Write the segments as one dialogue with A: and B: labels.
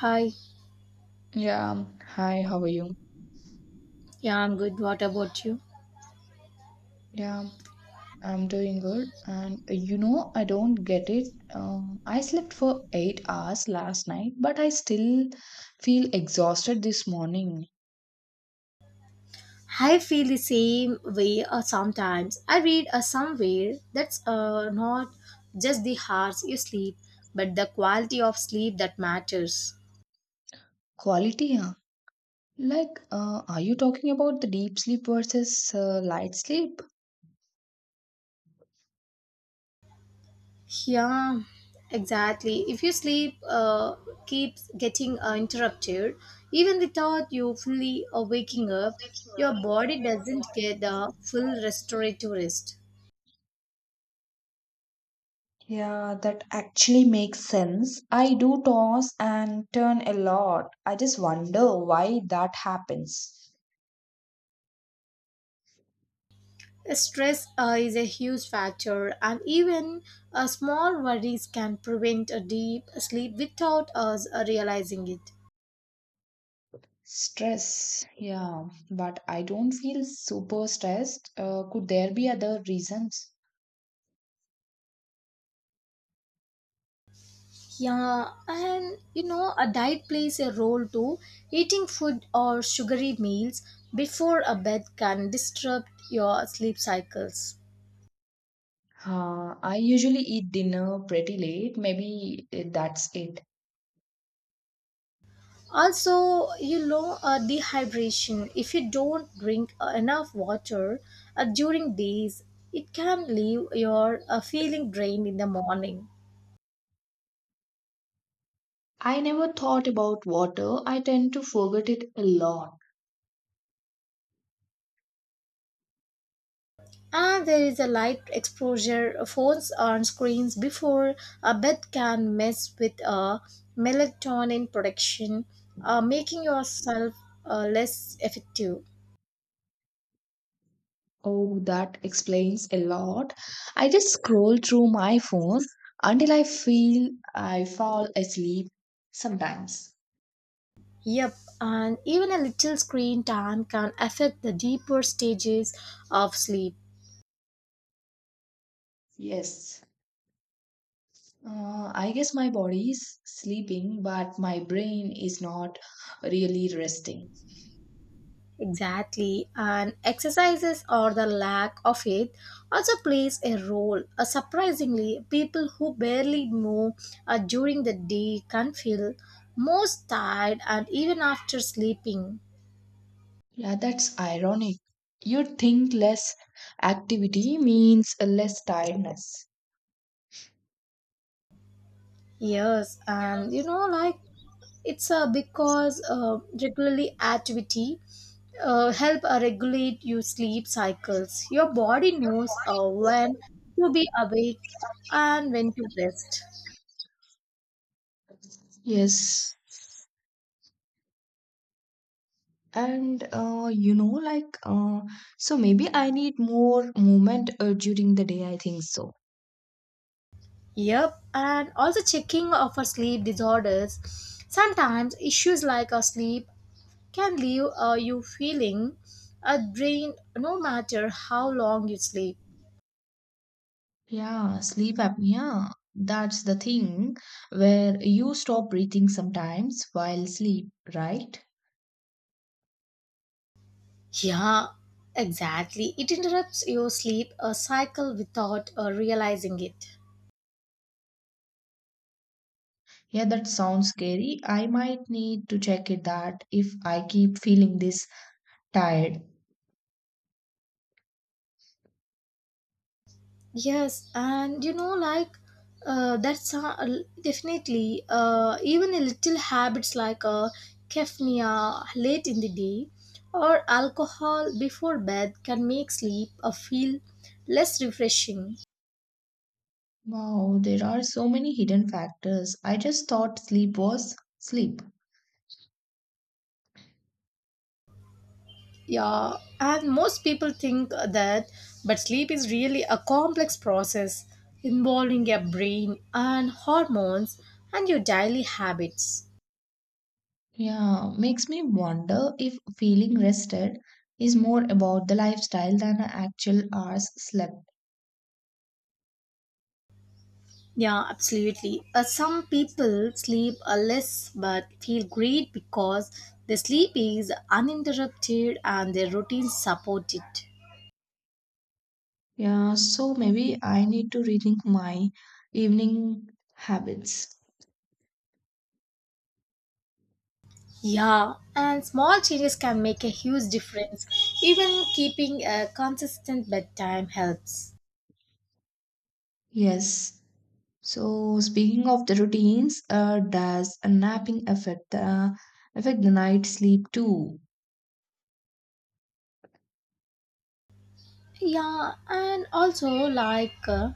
A: Hi.
B: Yeah, hi, how are you?
A: Yeah, I'm good. What about you?
B: Yeah, I'm doing good. And I don't get it. I slept for 8 hours last night, but I still feel exhausted this morning.
A: I feel the same way sometimes. I read somewhere that's not just the hours you sleep, but the quality of sleep that matters.
B: Quality, huh? Are you talking about the deep sleep versus light sleep?
A: Yeah, exactly. If you sleep keeps getting interrupted, even without you fully waking up, your body doesn't get the full restorative rest.
B: Yeah, that actually makes sense. I do toss and turn a lot. I just wonder why that happens.
A: Stress is a huge factor, and even small worries can prevent a deep sleep without us realizing it.
B: Stress, yeah, but I don't feel super stressed. Could there be other reasons?
A: Yeah, and you know, a diet plays a role too. Eating food or sugary meals before a bed can disrupt your sleep cycles.
B: I usually eat dinner pretty late. Maybe that's it.
A: Also, dehydration. If you don't drink enough water during days, it can leave your feeling drained in the morning.
B: I never thought about water. I tend to forget it a lot.
A: And there is a light exposure. Phones on screens before a bed can mess with melatonin production, making yourself less effective.
B: Oh, that explains a lot. I just scroll through my phone until I feel I fall asleep sometimes.
A: Yep, and even a little screen time can affect the deeper stages of sleep.
B: Yes. I guess my body is sleeping, but my brain is not really resting.
A: Exactly, and exercises or the lack of it also plays a role. Surprisingly, people who barely move during the day can feel most tired and even after sleeping.
B: Yeah, that's ironic. You'd think less activity means less tiredness.
A: Yes, and like it's because regularly activity help regulate your sleep cycles. Your body knows when to be awake and when to rest.
B: Yes. And you know, like, So maybe I need more movement during the day. I think so.
A: Yep, and also checking of our sleep disorders. Sometimes issues like our sleep can leave you feeling a drain no matter how long you sleep.
B: Yeah, sleep apnea. That's the thing where you stop breathing sometimes while sleep, right?
A: Yeah, exactly. It interrupts your sleep a cycle without realizing it.
B: Yeah, that sounds scary. I might need to check it that if I keep feeling this tired.
A: Yes, and that's definitely even a little habits like caffeine late in the day or alcohol before bed can make sleep feel less refreshing.
B: Wow, there are so many hidden factors. I just thought sleep was sleep.
A: Yeah, and most people think that, but sleep is really a complex process involving your brain and hormones and your daily habits.
B: Yeah, makes me wonder if feeling rested is more about the lifestyle than the actual hours slept.
A: Yeah, absolutely. Some people sleep less but feel great because their sleep is uninterrupted and their routines support it.
B: Yeah, so maybe I need to rethink my evening habits.
A: Yeah, and small changes can make a huge difference. Even keeping a consistent bedtime helps.
B: Yes. So speaking of the routines, does a napping affect the night sleep too?
A: Yeah, and also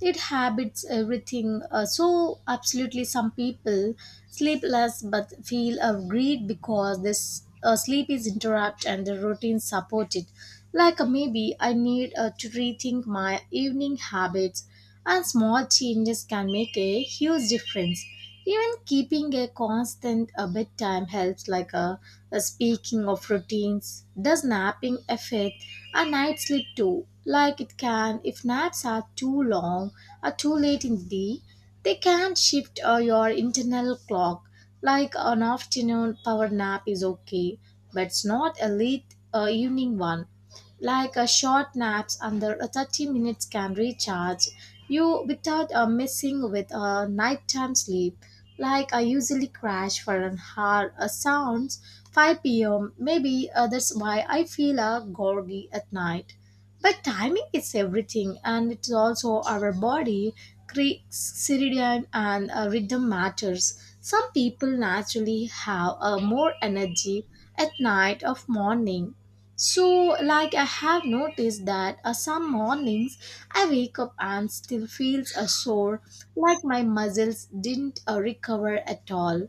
A: it habits everything. So absolutely, some people sleep less but feel of greed because this sleep is interrupt and the routine support it. Maybe I need to rethink my evening habits and small changes can make a huge difference. Even keeping a constant a bedtime helps, like a speaking of routines. Does napping affect a night sleep too? Like it can, if naps are too long or too late in the day, they can shift your internal clock. Like an afternoon power nap is okay, but it's not a late evening one, like a short naps under a 30 minutes can recharge you without messing with a nighttime sleep. Like I usually crash for an hour sounds 5 p.m., maybe that's why I feel groggy at night. But timing is everything, and it's also our body circadian and rhythm matters. Some people naturally have more energy at night of morning. So, like, I have noticed that some mornings I wake up and still feels a sore, like my muscles didn't recover at all.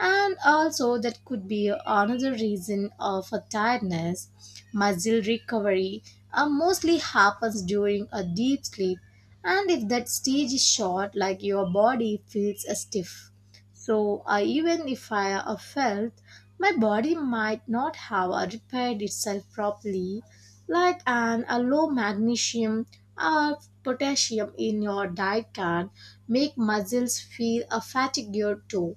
A: And also that could be another reason for tiredness. Muscle recovery mostly happens during a deep sleep, and if that stage is short, like your body feels stiff. So even if I felt, my body might not have repaired itself properly, like an a low magnesium or potassium in your diet can make muscles feel fatigued too.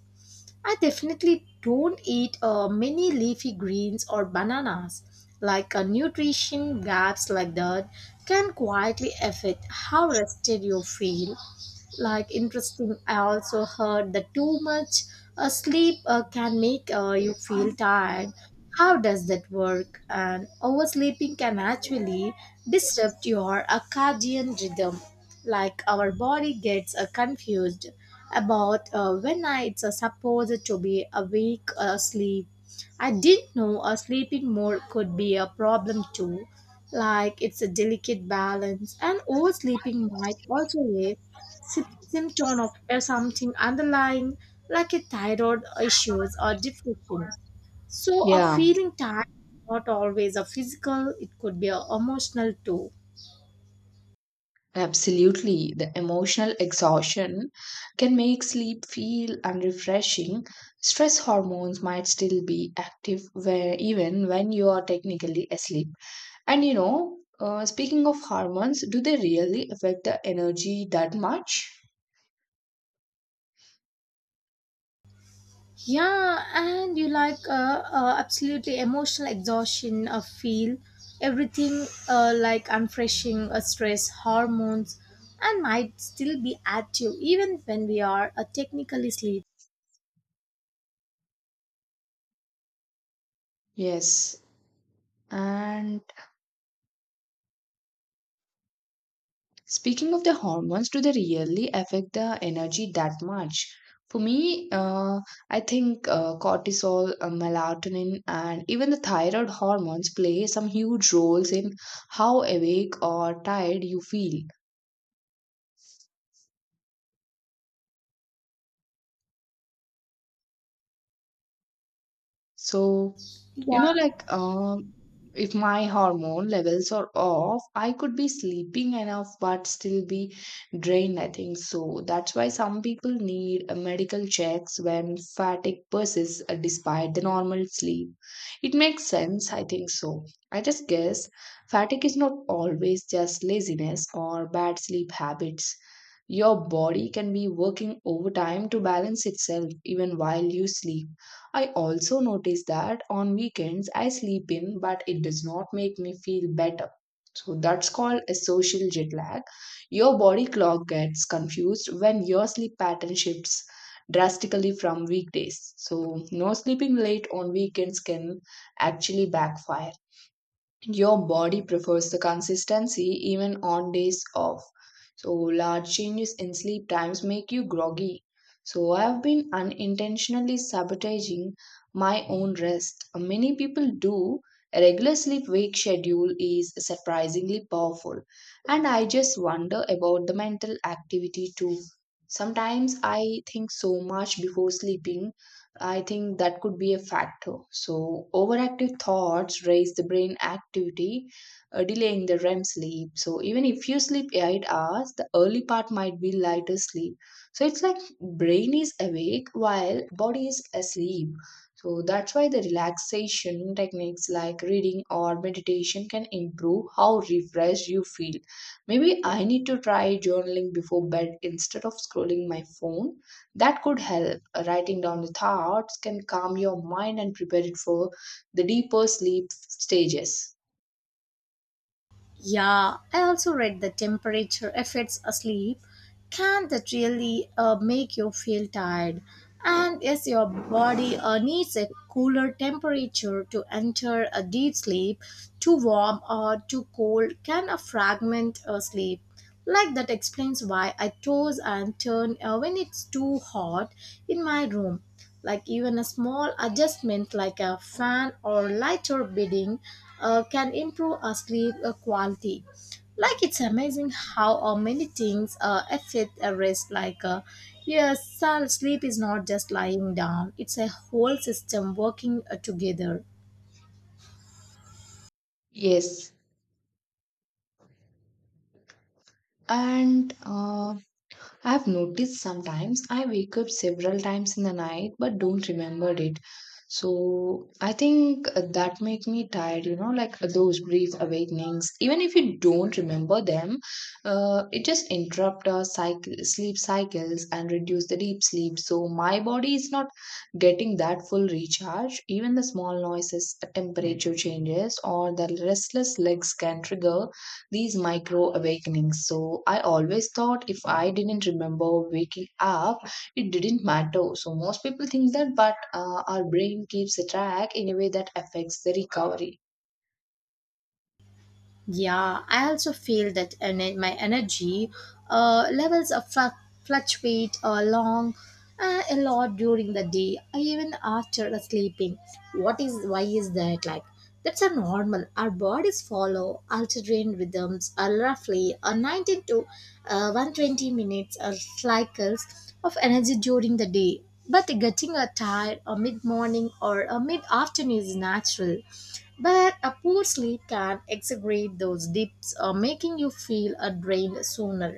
A: I definitely don't eat many leafy greens or bananas. Like a nutrition gaps like that can quietly affect how rested you feel. Like, interesting, I also heard that too much sleep can make you feel tired. How does that work? And oversleeping can actually disrupt your circadian rhythm, like our body gets confused about when it's supposed to be awake or asleep. I didn't know sleeping more could be a problem too. Like it's a delicate balance, and oversleeping might also raise symptom of something underlying, like a thyroid issues or depression. So a
B: Yeah,
A: feeling tired is not always a physical, it could be a emotional too.
B: absolutely. The emotional exhaustion can make sleep feel unrefreshing. Stress hormones might still be active where, even when you are technically asleep. And speaking of hormones, do they really affect the energy that much?
A: Yeah, and you like absolutely emotional exhaustion of feel everything like unfreshing stress hormones and might still be active even when we are technically asleep.
B: Yes. And speaking of the hormones, do they really affect the energy that much? For me, I think cortisol, melatonin, and even the thyroid hormones play some huge roles in how awake or tired you feel. So, you know,
A: Yeah.
B: like um, if my hormone levels are off, I could be sleeping enough but still be drained, I think. So that's why some people need medical checks when fatigue persists despite the normal sleep. It makes sense, I think so. I just guess fatigue is not always just laziness or bad sleep habits. Your body can be working overtime to balance itself even while you sleep. I also notice that on weekends I sleep in, but it does not make me feel better. So that's called a social jet lag. Your body clock gets confused when your sleep pattern shifts drastically from weekdays. So, no sleeping late on weekends can actually backfire. Your body prefers the consistency even on days off. So, large changes in sleep times make you groggy. So, I have been unintentionally sabotaging my own rest. Many people do. A regular sleep wake schedule is surprisingly powerful. And I just wonder about the mental activity too. Sometimes I think so much before sleeping I think that could be a factor. So, overactive thoughts raise the brain activity, delaying the REM sleep. So, even if you sleep 8 hours, the early part might be lighter sleep. So, it's like brain is awake while body is asleep. So, that's why the relaxation techniques like reading or meditation can improve how refreshed you feel. Maybe I need to try journaling before bed instead of scrolling my phone that could help. Writing down the thoughts can calm your mind and prepare it for the deeper sleep stages.
A: Yeah, I also read the temperature affects sleep. Can that really make you feel tired? And yes, your body needs a cooler temperature to enter a deep sleep. Too warm or too cold can fragment a sleep. Like that explains why I toss and turn when it's too hot in my room. Like even a small adjustment like a fan or lighter bedding can improve our sleep quality. Like it's amazing how many things affect a rest. Yes, sleep is not just lying down; it's a whole system working together.
B: Yes. And I've noticed sometimes I wake up several times in the night but don't remember it. So I think that make me tired, you know, like those brief awakenings. Even if you don't remember them, it just sleep cycles and reduce the deep sleep. So my body is not getting that full recharge. Even the small noises, temperature changes, or the restless legs can trigger these micro awakenings. So I always thought if I didn't remember waking up, it didn't matter. So most people think that, but our brain keeps a track in a way that affects the recovery.
A: Yeah, I also feel that my energy levels are fluctuate along a lot during the day, even after the sleeping. What is why is that like? That's a normal. Our bodies follow alternating rhythms, roughly 90 to 120 minutes or cycles of energy during the day. But getting a tired or mid morning or a mid afternoon is natural, but a poor sleep can exaggerate those dips, making you feel drained sooner.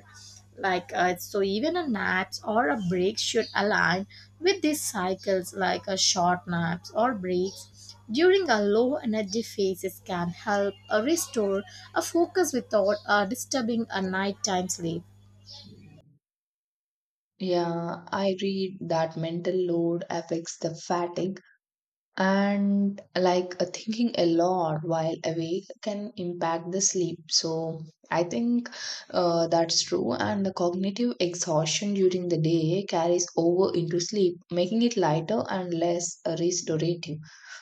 A: So, even a nap or a break should align with these cycles. Like a short naps or breaks during a low energy phases can help restore a focus without disturbing a nighttime sleep.
B: Yeah, I read that mental load affects the fatigue and thinking a lot while awake can impact the sleep so I think that's true and the cognitive exhaustion during the day carries over into sleep making it lighter and less restorative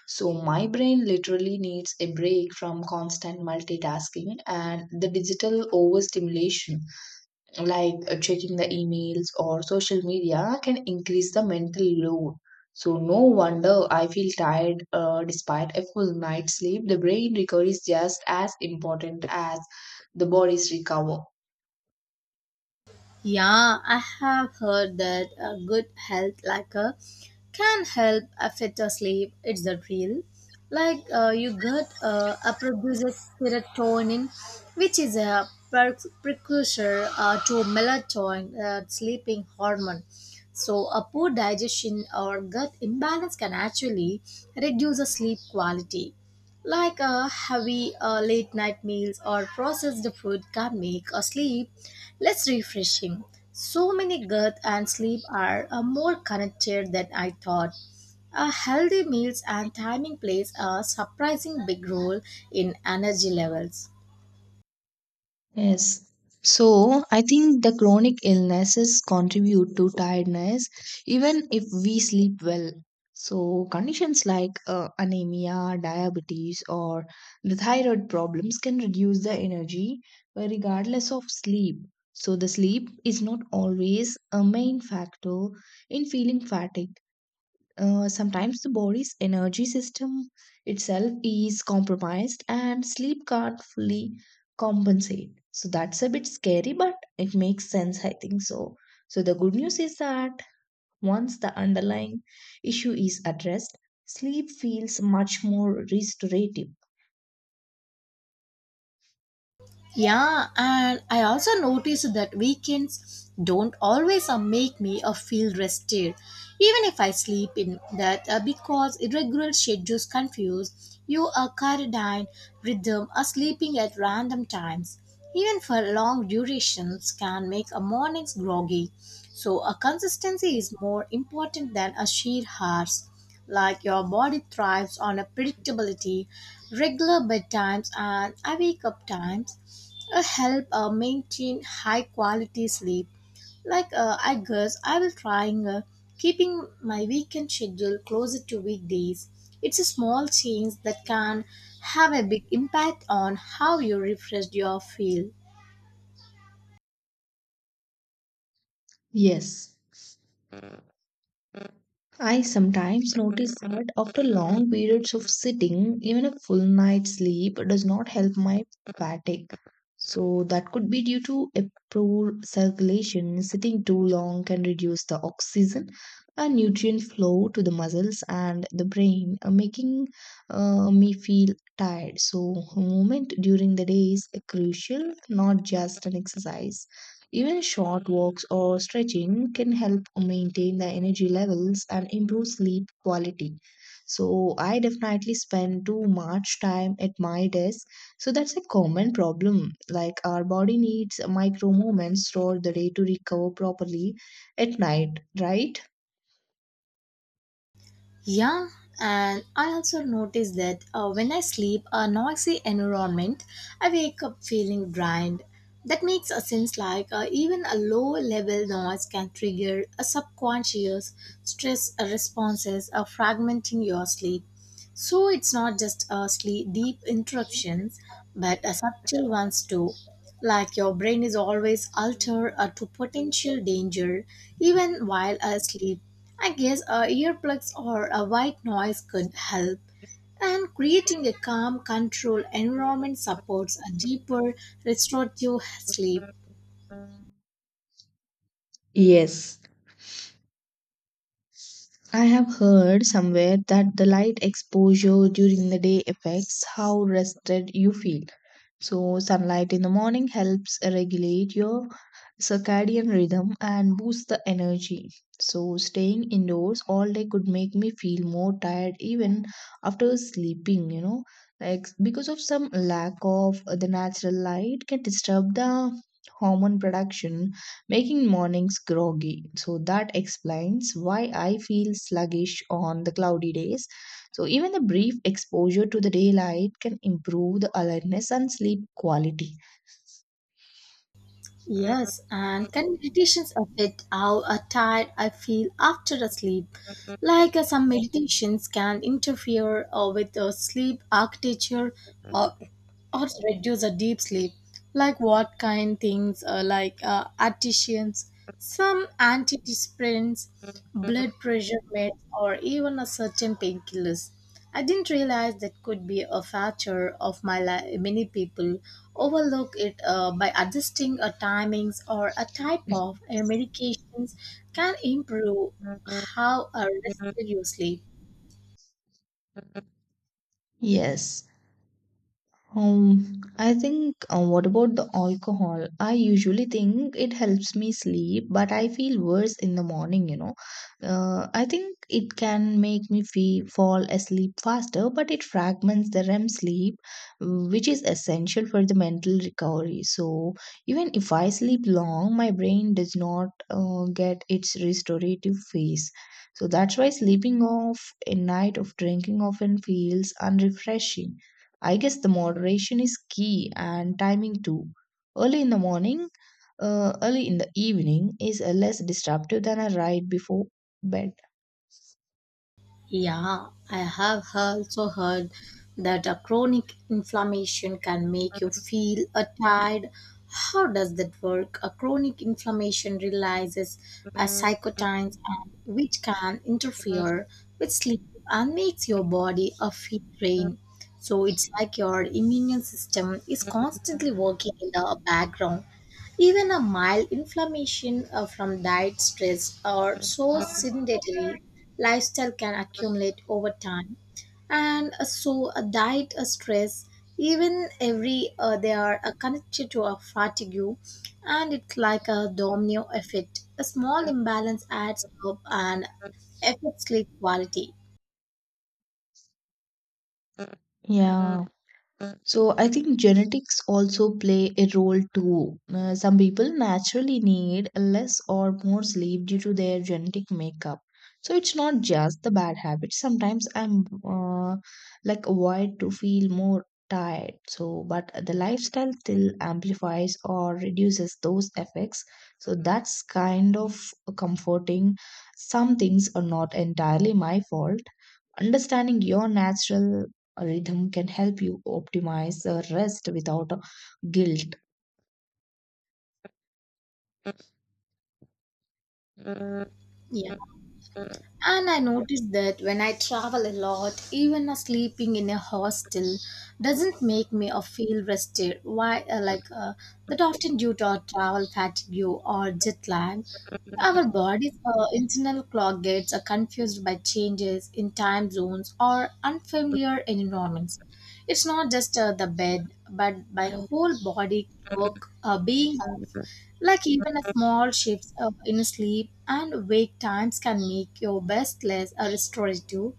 B: so my brain literally needs a break from constant multitasking and the digital overstimulation checking the emails or social media can increase the mental load. So, no wonder I feel tired despite a full night's sleep. The brain recovery is just as important as the body's recover.
A: Yeah, I have heard that a good health like a can help affect your sleep. It's the real. Like you get a produces serotonin, which is a precursor to melatonin, sleeping hormone. So a poor digestion or gut imbalance can actually reduce the sleep quality. Like a heavy late night meals or processed food can make a sleep less refreshing. So many gut and sleep are more connected than I thought. A healthy meals and timing plays a surprising big role in energy levels.
B: Yes. So I think the chronic illnesses contribute to tiredness even if we sleep well. So conditions like anemia, diabetes, or the thyroid problems can reduce the energy regardless of sleep. So the sleep is not always a main factor in feeling fatigue. Sometimes the body's energy system itself is compromised and sleep can't fully compensate. So that's a bit scary, but it makes sense, I think so. So the good news is that once the underlying issue is addressed, sleep feels much more restorative.
A: Yeah, and I also noticed that weekends don't always make me feel rested, even if I sleep in that because irregular schedules confuse your circadian rhythm. Sleeping at random times, even for long durations, can make a mornings groggy. So, a consistency is more important than a sheer hours. Like your body thrives on a predictability, regular bedtimes, and awake up times help maintain high quality sleep. I guess I will trying keeping my weekend schedule closer to weekdays. It's a small change that can have a big impact on how you refresh your feel.
B: Yes, I sometimes notice that after long periods of sitting, even a full night's sleep does not help my fatigue. So, that could be due to a poor circulation. Sitting too long can reduce the oxygen and nutrient flow to the muscles and the brain, making me feel tired. So, movement during the day is crucial, not just an exercise. Even short walks or stretching can help maintain the energy levels and improve sleep quality. So, I definitely spend too much time at my desk. So, that's a common problem. Like, our body needs micro moments throughout the day to recover properly at night, right?
A: Yeah, and I also noticed that when I sleep a noisy environment, I wake up feeling drained. That makes a sense, like even a low level noise can trigger a subconscious stress responses or fragmenting your sleep. So it's not just sleep, deep interruptions, but subtle ones too. Like your brain is always altered to potential danger even while asleep. I guess earplugs or a white noise could help. And creating a calm, controlled environment supports a deeper, restorative sleep.
B: Yes, I have heard somewhere that the light exposure during the day affects how rested you feel. So, sunlight in the morning helps regulate your circadian rhythm and boosts the energy. So, staying indoors all day could make me feel more tired even after sleeping. Like, because of some lack of the natural light, can disturb the hormone production making mornings groggy. So that explains why I feel sluggish on the cloudy days. So even the brief exposure to the daylight can improve the alertness and sleep quality.
A: Yes, and can meditations affect how tired I feel after a sleep? Like some meditations can interfere with sleep architecture or, or reduce a deep sleep. Like what kind things? Like artisans, some antidepressants, blood pressure meds, or even a certain painkillers. I didn't realize that could be a factor of my life. Many people overlook it by adjusting a timings or a type of medications can improve how rested you sleep.
B: Yes. I think, what about the alcohol? I usually think it helps me sleep, but I feel worse in the morning. I think it can make me feel, fall asleep faster, but it fragments the REM sleep, which is essential for the mental recovery. So, even if I sleep long, my brain does not get its restorative phase. So, that's why sleeping off a night of drinking often feels unrefreshing. I guess the moderation is key and timing too. Early in the morning, Early in the evening is less disruptive than a right before bed.
A: Yeah, I have also heard that a chronic inflammation can make you feel tired. How does that work? A chronic inflammation releases a cytokines and which can interfere with sleep and makes your body a feel drained. So it's like your immune system is constantly working in the background, even a mild inflammation from diet, stress, or so sedentary lifestyle can accumulate over time. And so, a diet, a stress, even every they are connected to a fatigue, and it's like a domino effect. A small imbalance adds up and affects sleep quality.
B: Yeah, so I think genetics also play a role too. Some people naturally need less or more sleep due to their genetic makeup. So it's not just the bad habits. Sometimes I'm wired to feel more tired. So but the lifestyle still amplifies or reduces those effects. So that's kind of comforting. Some things are not entirely my fault understanding your natural rhythm can help you optimize rest without guilt.
A: Yeah. And I noticed that when I travel a lot, even a sleeping in a hostel doesn't make me feel rested. Why, that often due to our travel fatigue or jet lag, our body's internal clock gets confused by changes in time zones or unfamiliar environments. It's not just the bed, but my whole body clock being, like even a small shifts up in sleep and wake times can make your best less a restorative,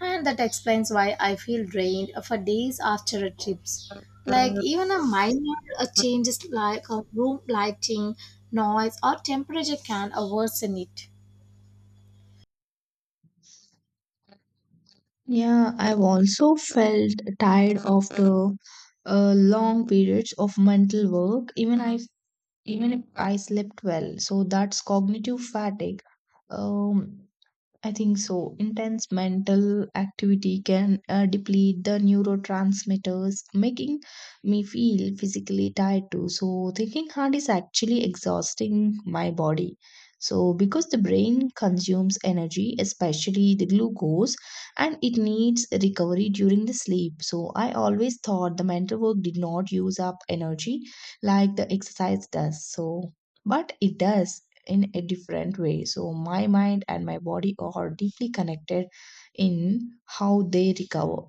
A: and that explains why I feel drained for days after a trips. Like even a minor changes like a room lighting, noise or temperature can worsen it.
B: Yeah, I've also felt tired after long periods of mental work, even if I slept well. So that's cognitive fatigue. Um, I think so. Intense mental activity can deplete the neurotransmitters, making me feel physically tired too. So, thinking hard is actually exhausting my body. So, because the brain consumes energy, especially the glucose, and it needs recovery during the sleep. So, I always thought the mental work did not use up energy like the exercise does. So, but it does in a different way. So my mind and my body are deeply connected in how they recover.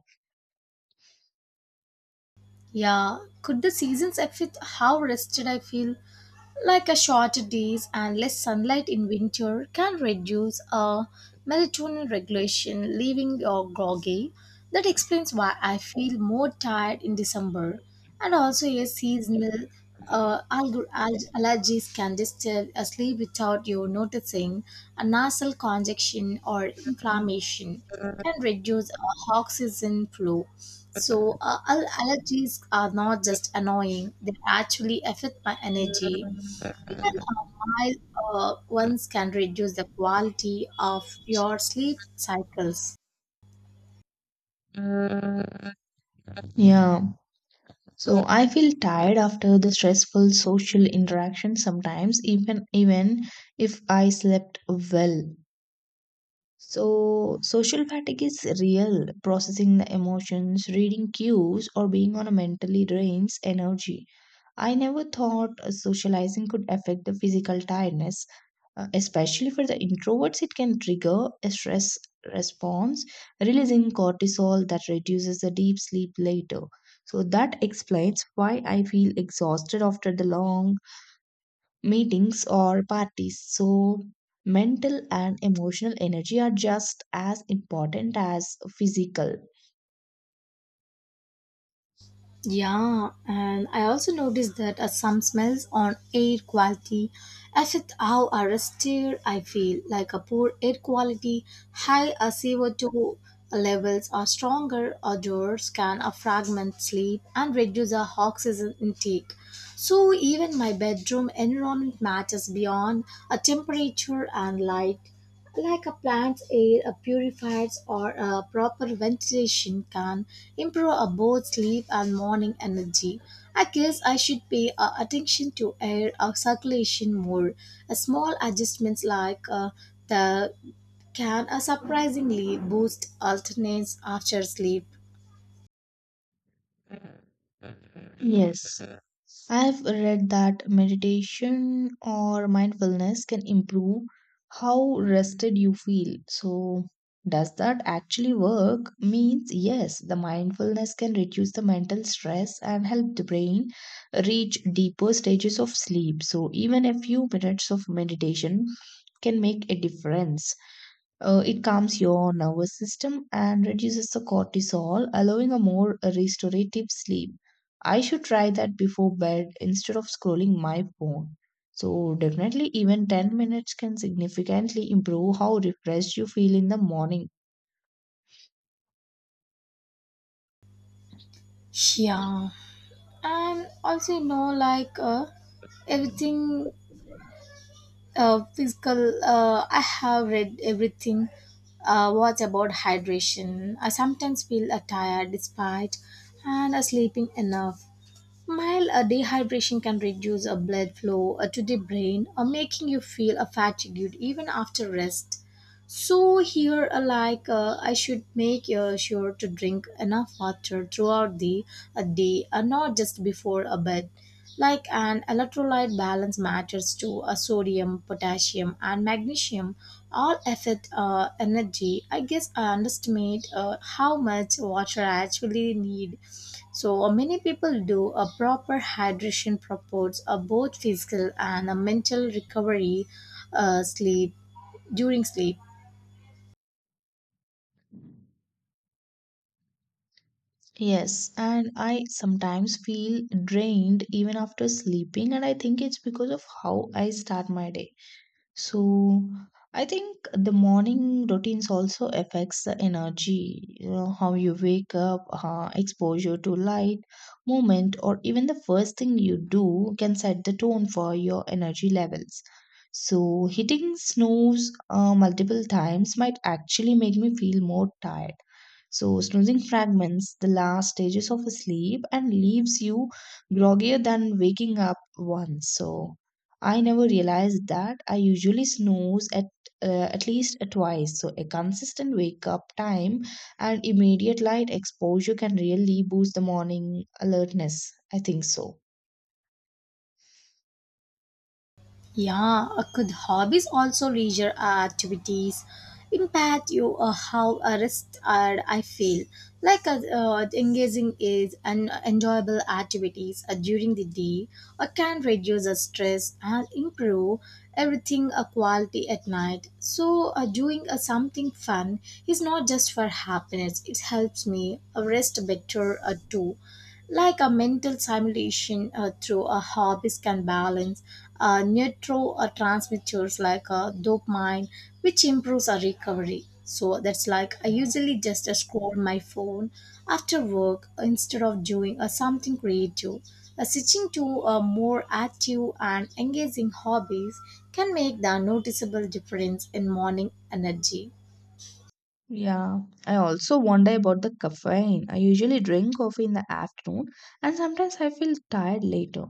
A: Yeah, could the seasons affect how rested I feel? Like a shorter days and less sunlight in winter can reduce melatonin regulation, leaving you groggy. That explains why I feel more tired in December. And also, a seasonal allergies can disturb a sleep without you noticing, a nasal congestion or inflammation can reduce oxygen flow. So, allergies are not just annoying, they actually affect my energy. Even mild ones can reduce the quality of your sleep cycles.
B: Yeah. So I feel tired after the stressful social interaction sometimes even if I slept well. So social fatigue is real. Processing the emotions, reading cues or being on a mentally drains energy. I never thought socializing could affect the physical tiredness. Especially for the introverts, it can trigger a stress response, releasing cortisol that reduces the deep sleep later. So, that explains why I feel exhausted after the long meetings or parties. So, mental and emotional energy are just as important as physical.
A: Yeah, and I also noticed that some smells on air quality affect how arrested I feel. Like a poor air quality, high CO2 levels are stronger odors can fragment sleep and reduce our oxygen intake. So even my bedroom environment matters beyond a temperature and light. Like a plant's air, a purified or a proper ventilation can improve a both sleep and morning energy. I guess I should pay attention to air circulation more. A small adjustments like the can surprisingly boost alternates after sleep.
B: Yes. I've read that meditation or mindfulness can improve how rested you feel. So, does that actually work? Means, yes, the mindfulness can reduce the mental stress and help the brain reach deeper stages of sleep. So, even a few minutes of meditation can make a difference. It calms your nervous system and reduces the cortisol, allowing a more restorative sleep. I should try that before bed instead of scrolling my phone. So, definitely, even 10 minutes can significantly improve how refreshed you feel in the morning.
A: Yeah, and also like everything physical, I have read everything. What about hydration? I sometimes feel tired despite and sleeping enough. Mild dehydration can reduce blood flow to the brain, making you feel fatigued even after rest. So here, I should make sure to drink enough water throughout the day, not just before a bed. Like an electrolyte balance matters to a sodium, potassium, and magnesium all affect energy. I guess I underestimate how much water I actually need. So many people do a proper hydration promotes a both physical and a mental recovery, sleep during sleep.
B: Yes, and I sometimes feel drained even after sleeping, and I think it's because of how I start my day. So I think the morning routines also affects the energy, you know, how you wake up, exposure to light, movement, or even the first thing you do can set the tone for your energy levels. So hitting snooze multiple times might actually make me feel more tired. So snoozing fragments the last stages of a sleep and leaves you groggier than waking up once. So I never realized that I usually snooze at least twice. So a consistent wake up time and immediate light exposure can really boost the morning alertness. I think so.
A: Yeah, could hobbies also leisure activities impact you how a rest are I feel, engaging is an enjoyable activities during the day can reduce the stress and improve everything a quality at night. So doing something fun is not just for happiness, it helps me rest better too. Like a mental simulation through a hobbies can balance neurotransmitters like dopamine, which improves our recovery. So that's, like, I usually just scroll my phone after work instead of doing something creative. Switching to more active and engaging hobbies can make the noticeable difference in morning energy.
B: Yeah, I also wonder about the caffeine. I usually drink coffee in the afternoon and sometimes I feel tired later.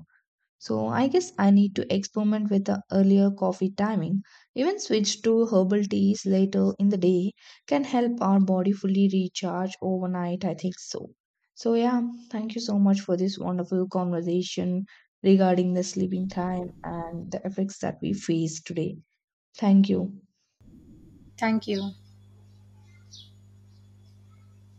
B: So I guess I need to experiment with the earlier coffee timing. Even switch to herbal teas later in the day can help our body fully recharge overnight. I think so. So yeah, thank you so much for this wonderful conversation regarding the sleeping time and the effects that we face today. Thank you.
A: Thank you.